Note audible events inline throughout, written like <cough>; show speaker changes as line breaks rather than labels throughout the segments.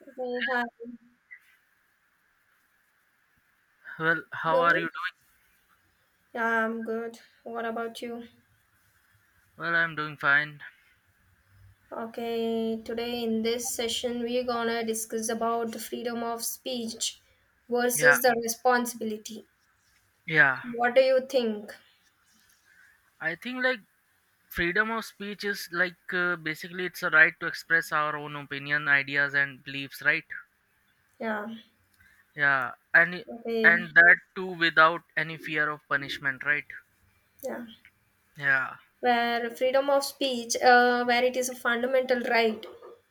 Hey, hi.
Well, how
Hear
are you
me?
doing?
Yeah, I'm good. What about you?
Well, I'm doing fine.
Okay, today in this session we're gonna discuss about the freedom of speech
Yeah,
versus the responsibility.
yeah.
What do you think?
I think freedom of speech is like, basically it's a right to express our own opinion, ideas, and beliefs, right?
Yeah.
Yeah,
Okay.
and that too without any fear of punishment, right?
Yeah.
Yeah,
Where freedom of speech, where it is a fundamental right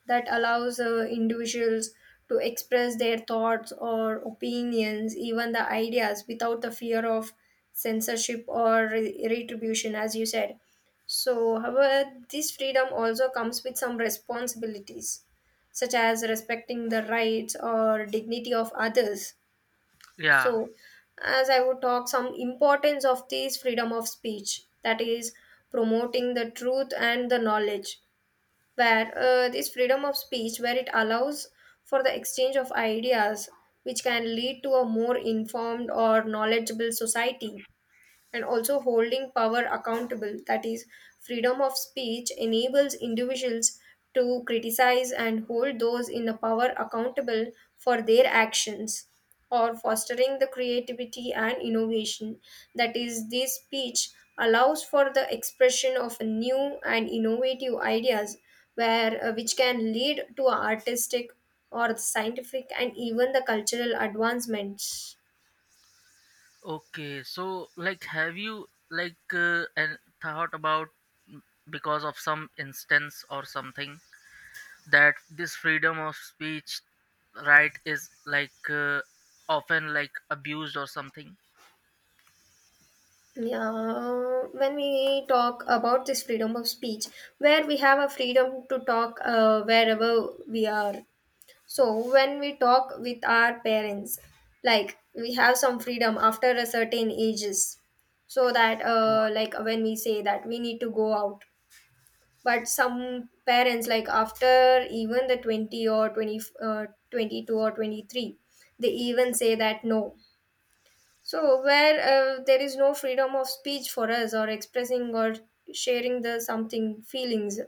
that allows individuals to express their thoughts or opinions, even the ideas, without the fear of censorship or retribution, as you said. So, however, this freedom also comes with some responsibilities, such as respecting the rights or dignity of others. So
yeah.
as I would talk some importance of this freedom of speech, that is promoting the truth and the knowledge, where this freedom of speech where it allows for the exchange of ideas, which can lead to a more informed or knowledgeable society, and also holding power accountable. That is, freedom of speech enables individuals to criticize and hold those in the power accountable for their actions, or fostering the creativity and innovation. That is, this speech allows for the expression of new and innovative ideas, where which can lead to artistic or scientific and even the cultural advancements.
Okay, so like, have you like, and thought about, mm, because of some instance or something? That this freedom of speech, right, is like, often like abused or something?
Yeah, when we talk about this freedom of speech, where we have a freedom to talk wherever we are. So, when we talk with our parents, like we have some freedom after a certain ages, so that
Yeah.
like when we say that we need to go out, but some parents, like after even the 20 or 20, 22 or 23, they even say that no. So, where there is no freedom of speech for us, or expressing or sharing the something feelings,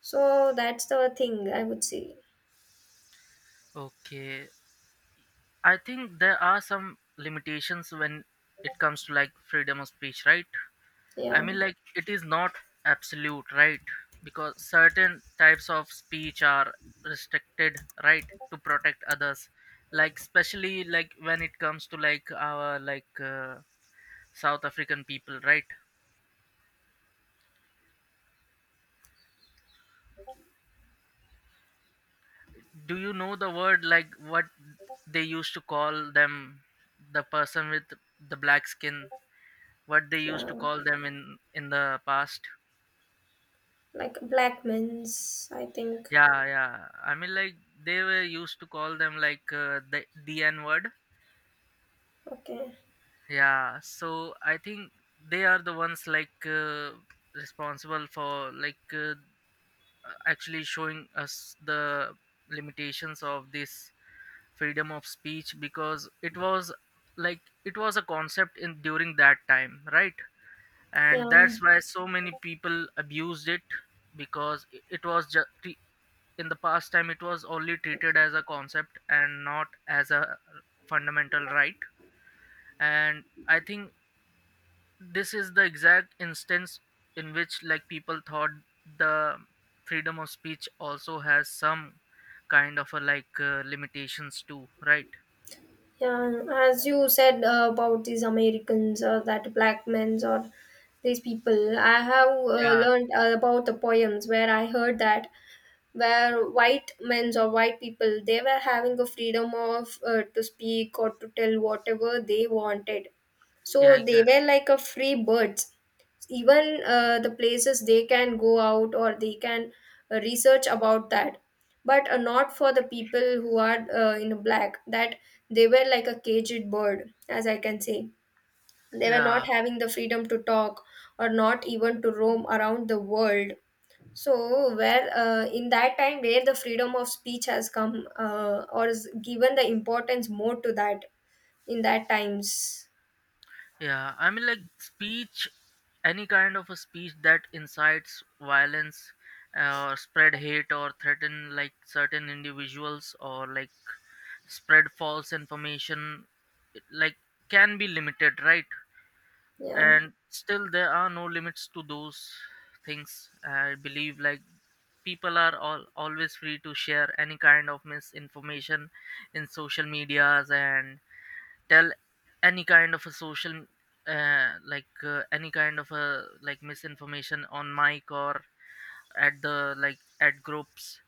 so that's the thing I would say.
Okay, I think there are some limitations when it comes to like freedom of speech, right? I
Yeah,
mean, like it is not absolute right, because certain types of speech are restricted, right, to protect others. Like, especially like when it comes to like our like, South African people, right? Do you know the word like what they used to call them, the person with the black skin, what they used
yeah,
to call them in the past?
like black men's, I think.
Yeah, yeah, I mean like they were used to call them like, the n word.
Okay,
Yeah, so I think they are the ones like, responsible for like, actually showing us the limitations of this freedom of speech, because it was like, it was a concept in during that time, right? And
yeah,
that's why so many people abused it. Because it was just in the past time, it was only treated as a concept and not as a fundamental right. And I think this is the exact instance in which like people thought the freedom of speech also has some kind of a like, limitations too, right?
yeah. As you said about these Americans or that black men's or these people, I have
Yeah,
learned about the poems where I heard that, where white men or white people, they were having a freedom of to speak or to tell whatever they wanted,
yeah,
so they
exactly.
were like a free birds. Even the places they can go out, or they can research about that, but not for the people who are in black, that they were like a caged bird, as I can say. They were not
Yeah,
having the freedom to talk, or not even to roam around the world. So, where in that time, where the freedom of speech has come or is given the importance more to that in that times.
yeah. I mean, like speech, any kind of a speech that incites violence, or spread hate, or threaten like certain individuals, or like spread false information, it, like, can be limited, right?
Yeah,
And still, there are no limits to those things. I believe like people are all always free to share any kind of misinformation in social medias and tell any kind of a social, any kind of a like misinformation on mic or at the like at groups.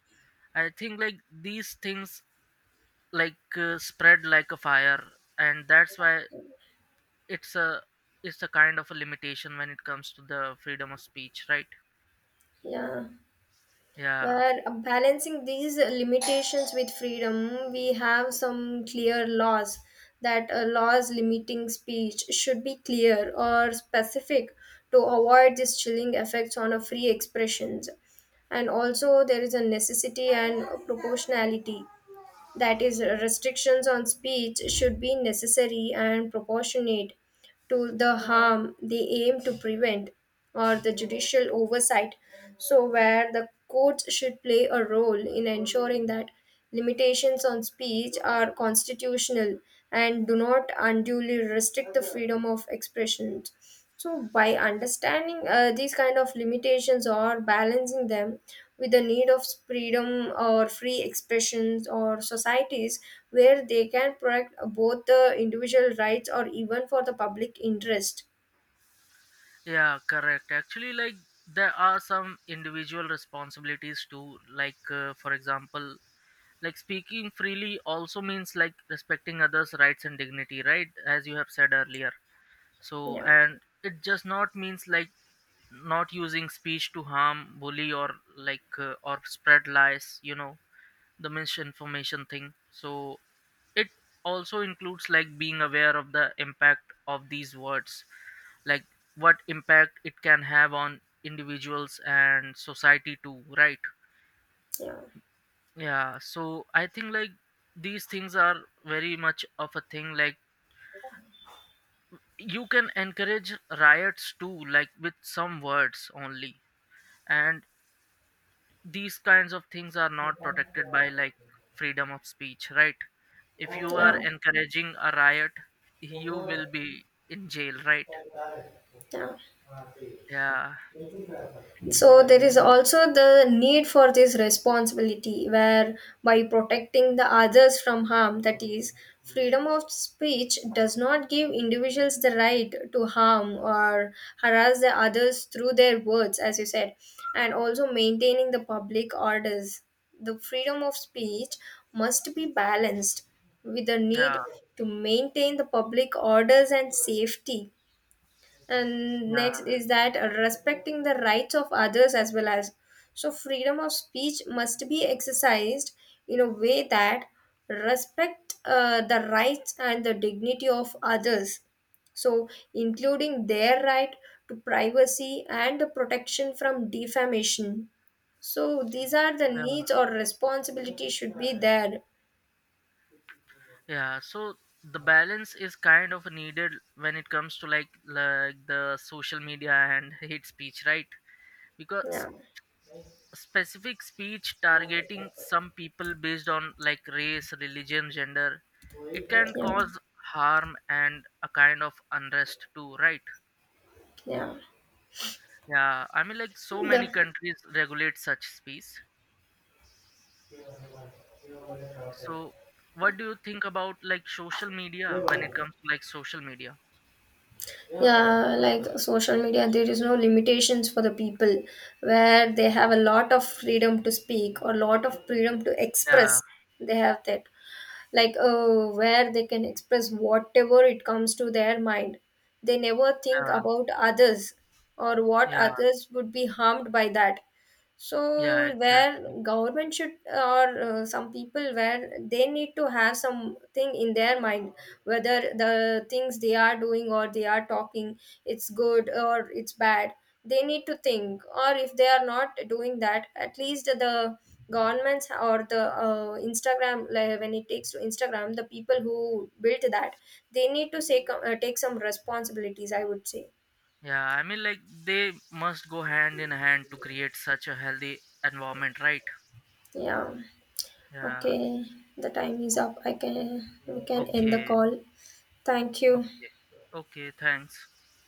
I think like these things like, spread like a fire, and that's why it's a it's a kind of a limitation when it comes to the freedom of speech, right?
yeah.
Yeah,
Where balancing these limitations with freedom, we have some clear laws, that laws limiting speech should be clear or specific to avoid these chilling effects on a free expressions. And also there is a necessity and proportionality, that is, restrictions on speech should be necessary and proportionate to the harm they aim to prevent, or the judicial oversight. So where the courts should play a role in ensuring that limitations on speech are constitutional and do not unduly restrict the freedom of expression. So, by understanding these kind of limitations or balancing them with the need of freedom or free expressions or societies, where they can protect both the individual rights or even for the public interest.
yeah, correct. Actually, like, there are some individual responsibilities too, like, for example, like speaking freely also means like respecting others rights and dignity, right, as you have said earlier. So,
Yeah,
and it just not means like not using speech to harm, bully, or like, or spread lies, the misinformation thing. So it also includes like being aware of the impact of these words, like what impact it can have on individuals and society too, right?
yeah,
Yeah, so I think like these things are very much of a thing. Like you can encourage riots too, like with some words only. And these kinds of things are not protected by like freedom of speech, right? If you are
yeah,
encouraging a riot, you will be in jail, right?
yeah.
Yeah,
So there is also the need for this responsibility, where by protecting the others from harm, that is, freedom of speech does not give individuals the right to harm or harass the others through their words, as you said. And also maintaining the public orders, the freedom of speech must be balanced with the need
yeah,
to maintain the public orders and safety. And
yeah,
next is that respecting the rights of others as well. As so freedom of speech must be exercised in a way that respect the rights and the dignity of others, so including their right to privacy and the protection from defamation. So these are the
yeah.
needs or responsibility should be there.
Yeah. So the balance is kind of needed when it comes to like the social media and <laughs> hate speech, right? Because
Yeah,
specific speech targeting some people based on like race, religion, gender, it can
yeah,
cause harm and a kind of unrest too, right?
yeah,
Yeah, I mean like so many
the,
countries regulate such speech. So what do you think about like social media, when it comes to like social media?
yeah, like social media, there is no limitations for the people where they have a lot of freedom to speak or lot of freedom to
Yeah,
express. They have that, where they can express whatever it comes to their mind. They never think
yeah,
about others, or what
yeah,
others would be harmed by that. So
yeah,
where
exactly.
government should, or some people, where they need to have something in their mind whether the things they are doing or they are talking, it's good or it's bad. They need to think, or if they are not doing that, at least the governments or the Instagram, like when it takes to Instagram, the people who built that, they need to say, take some responsibilities, I would say.
Yeah, I mean like they must go hand in hand to create such a healthy environment, right?
Yeah.
Yeah.
Okay, the time is
O-
up. I can we can end the
Okay.
call. Thank you.
Okay. Okay, thanks.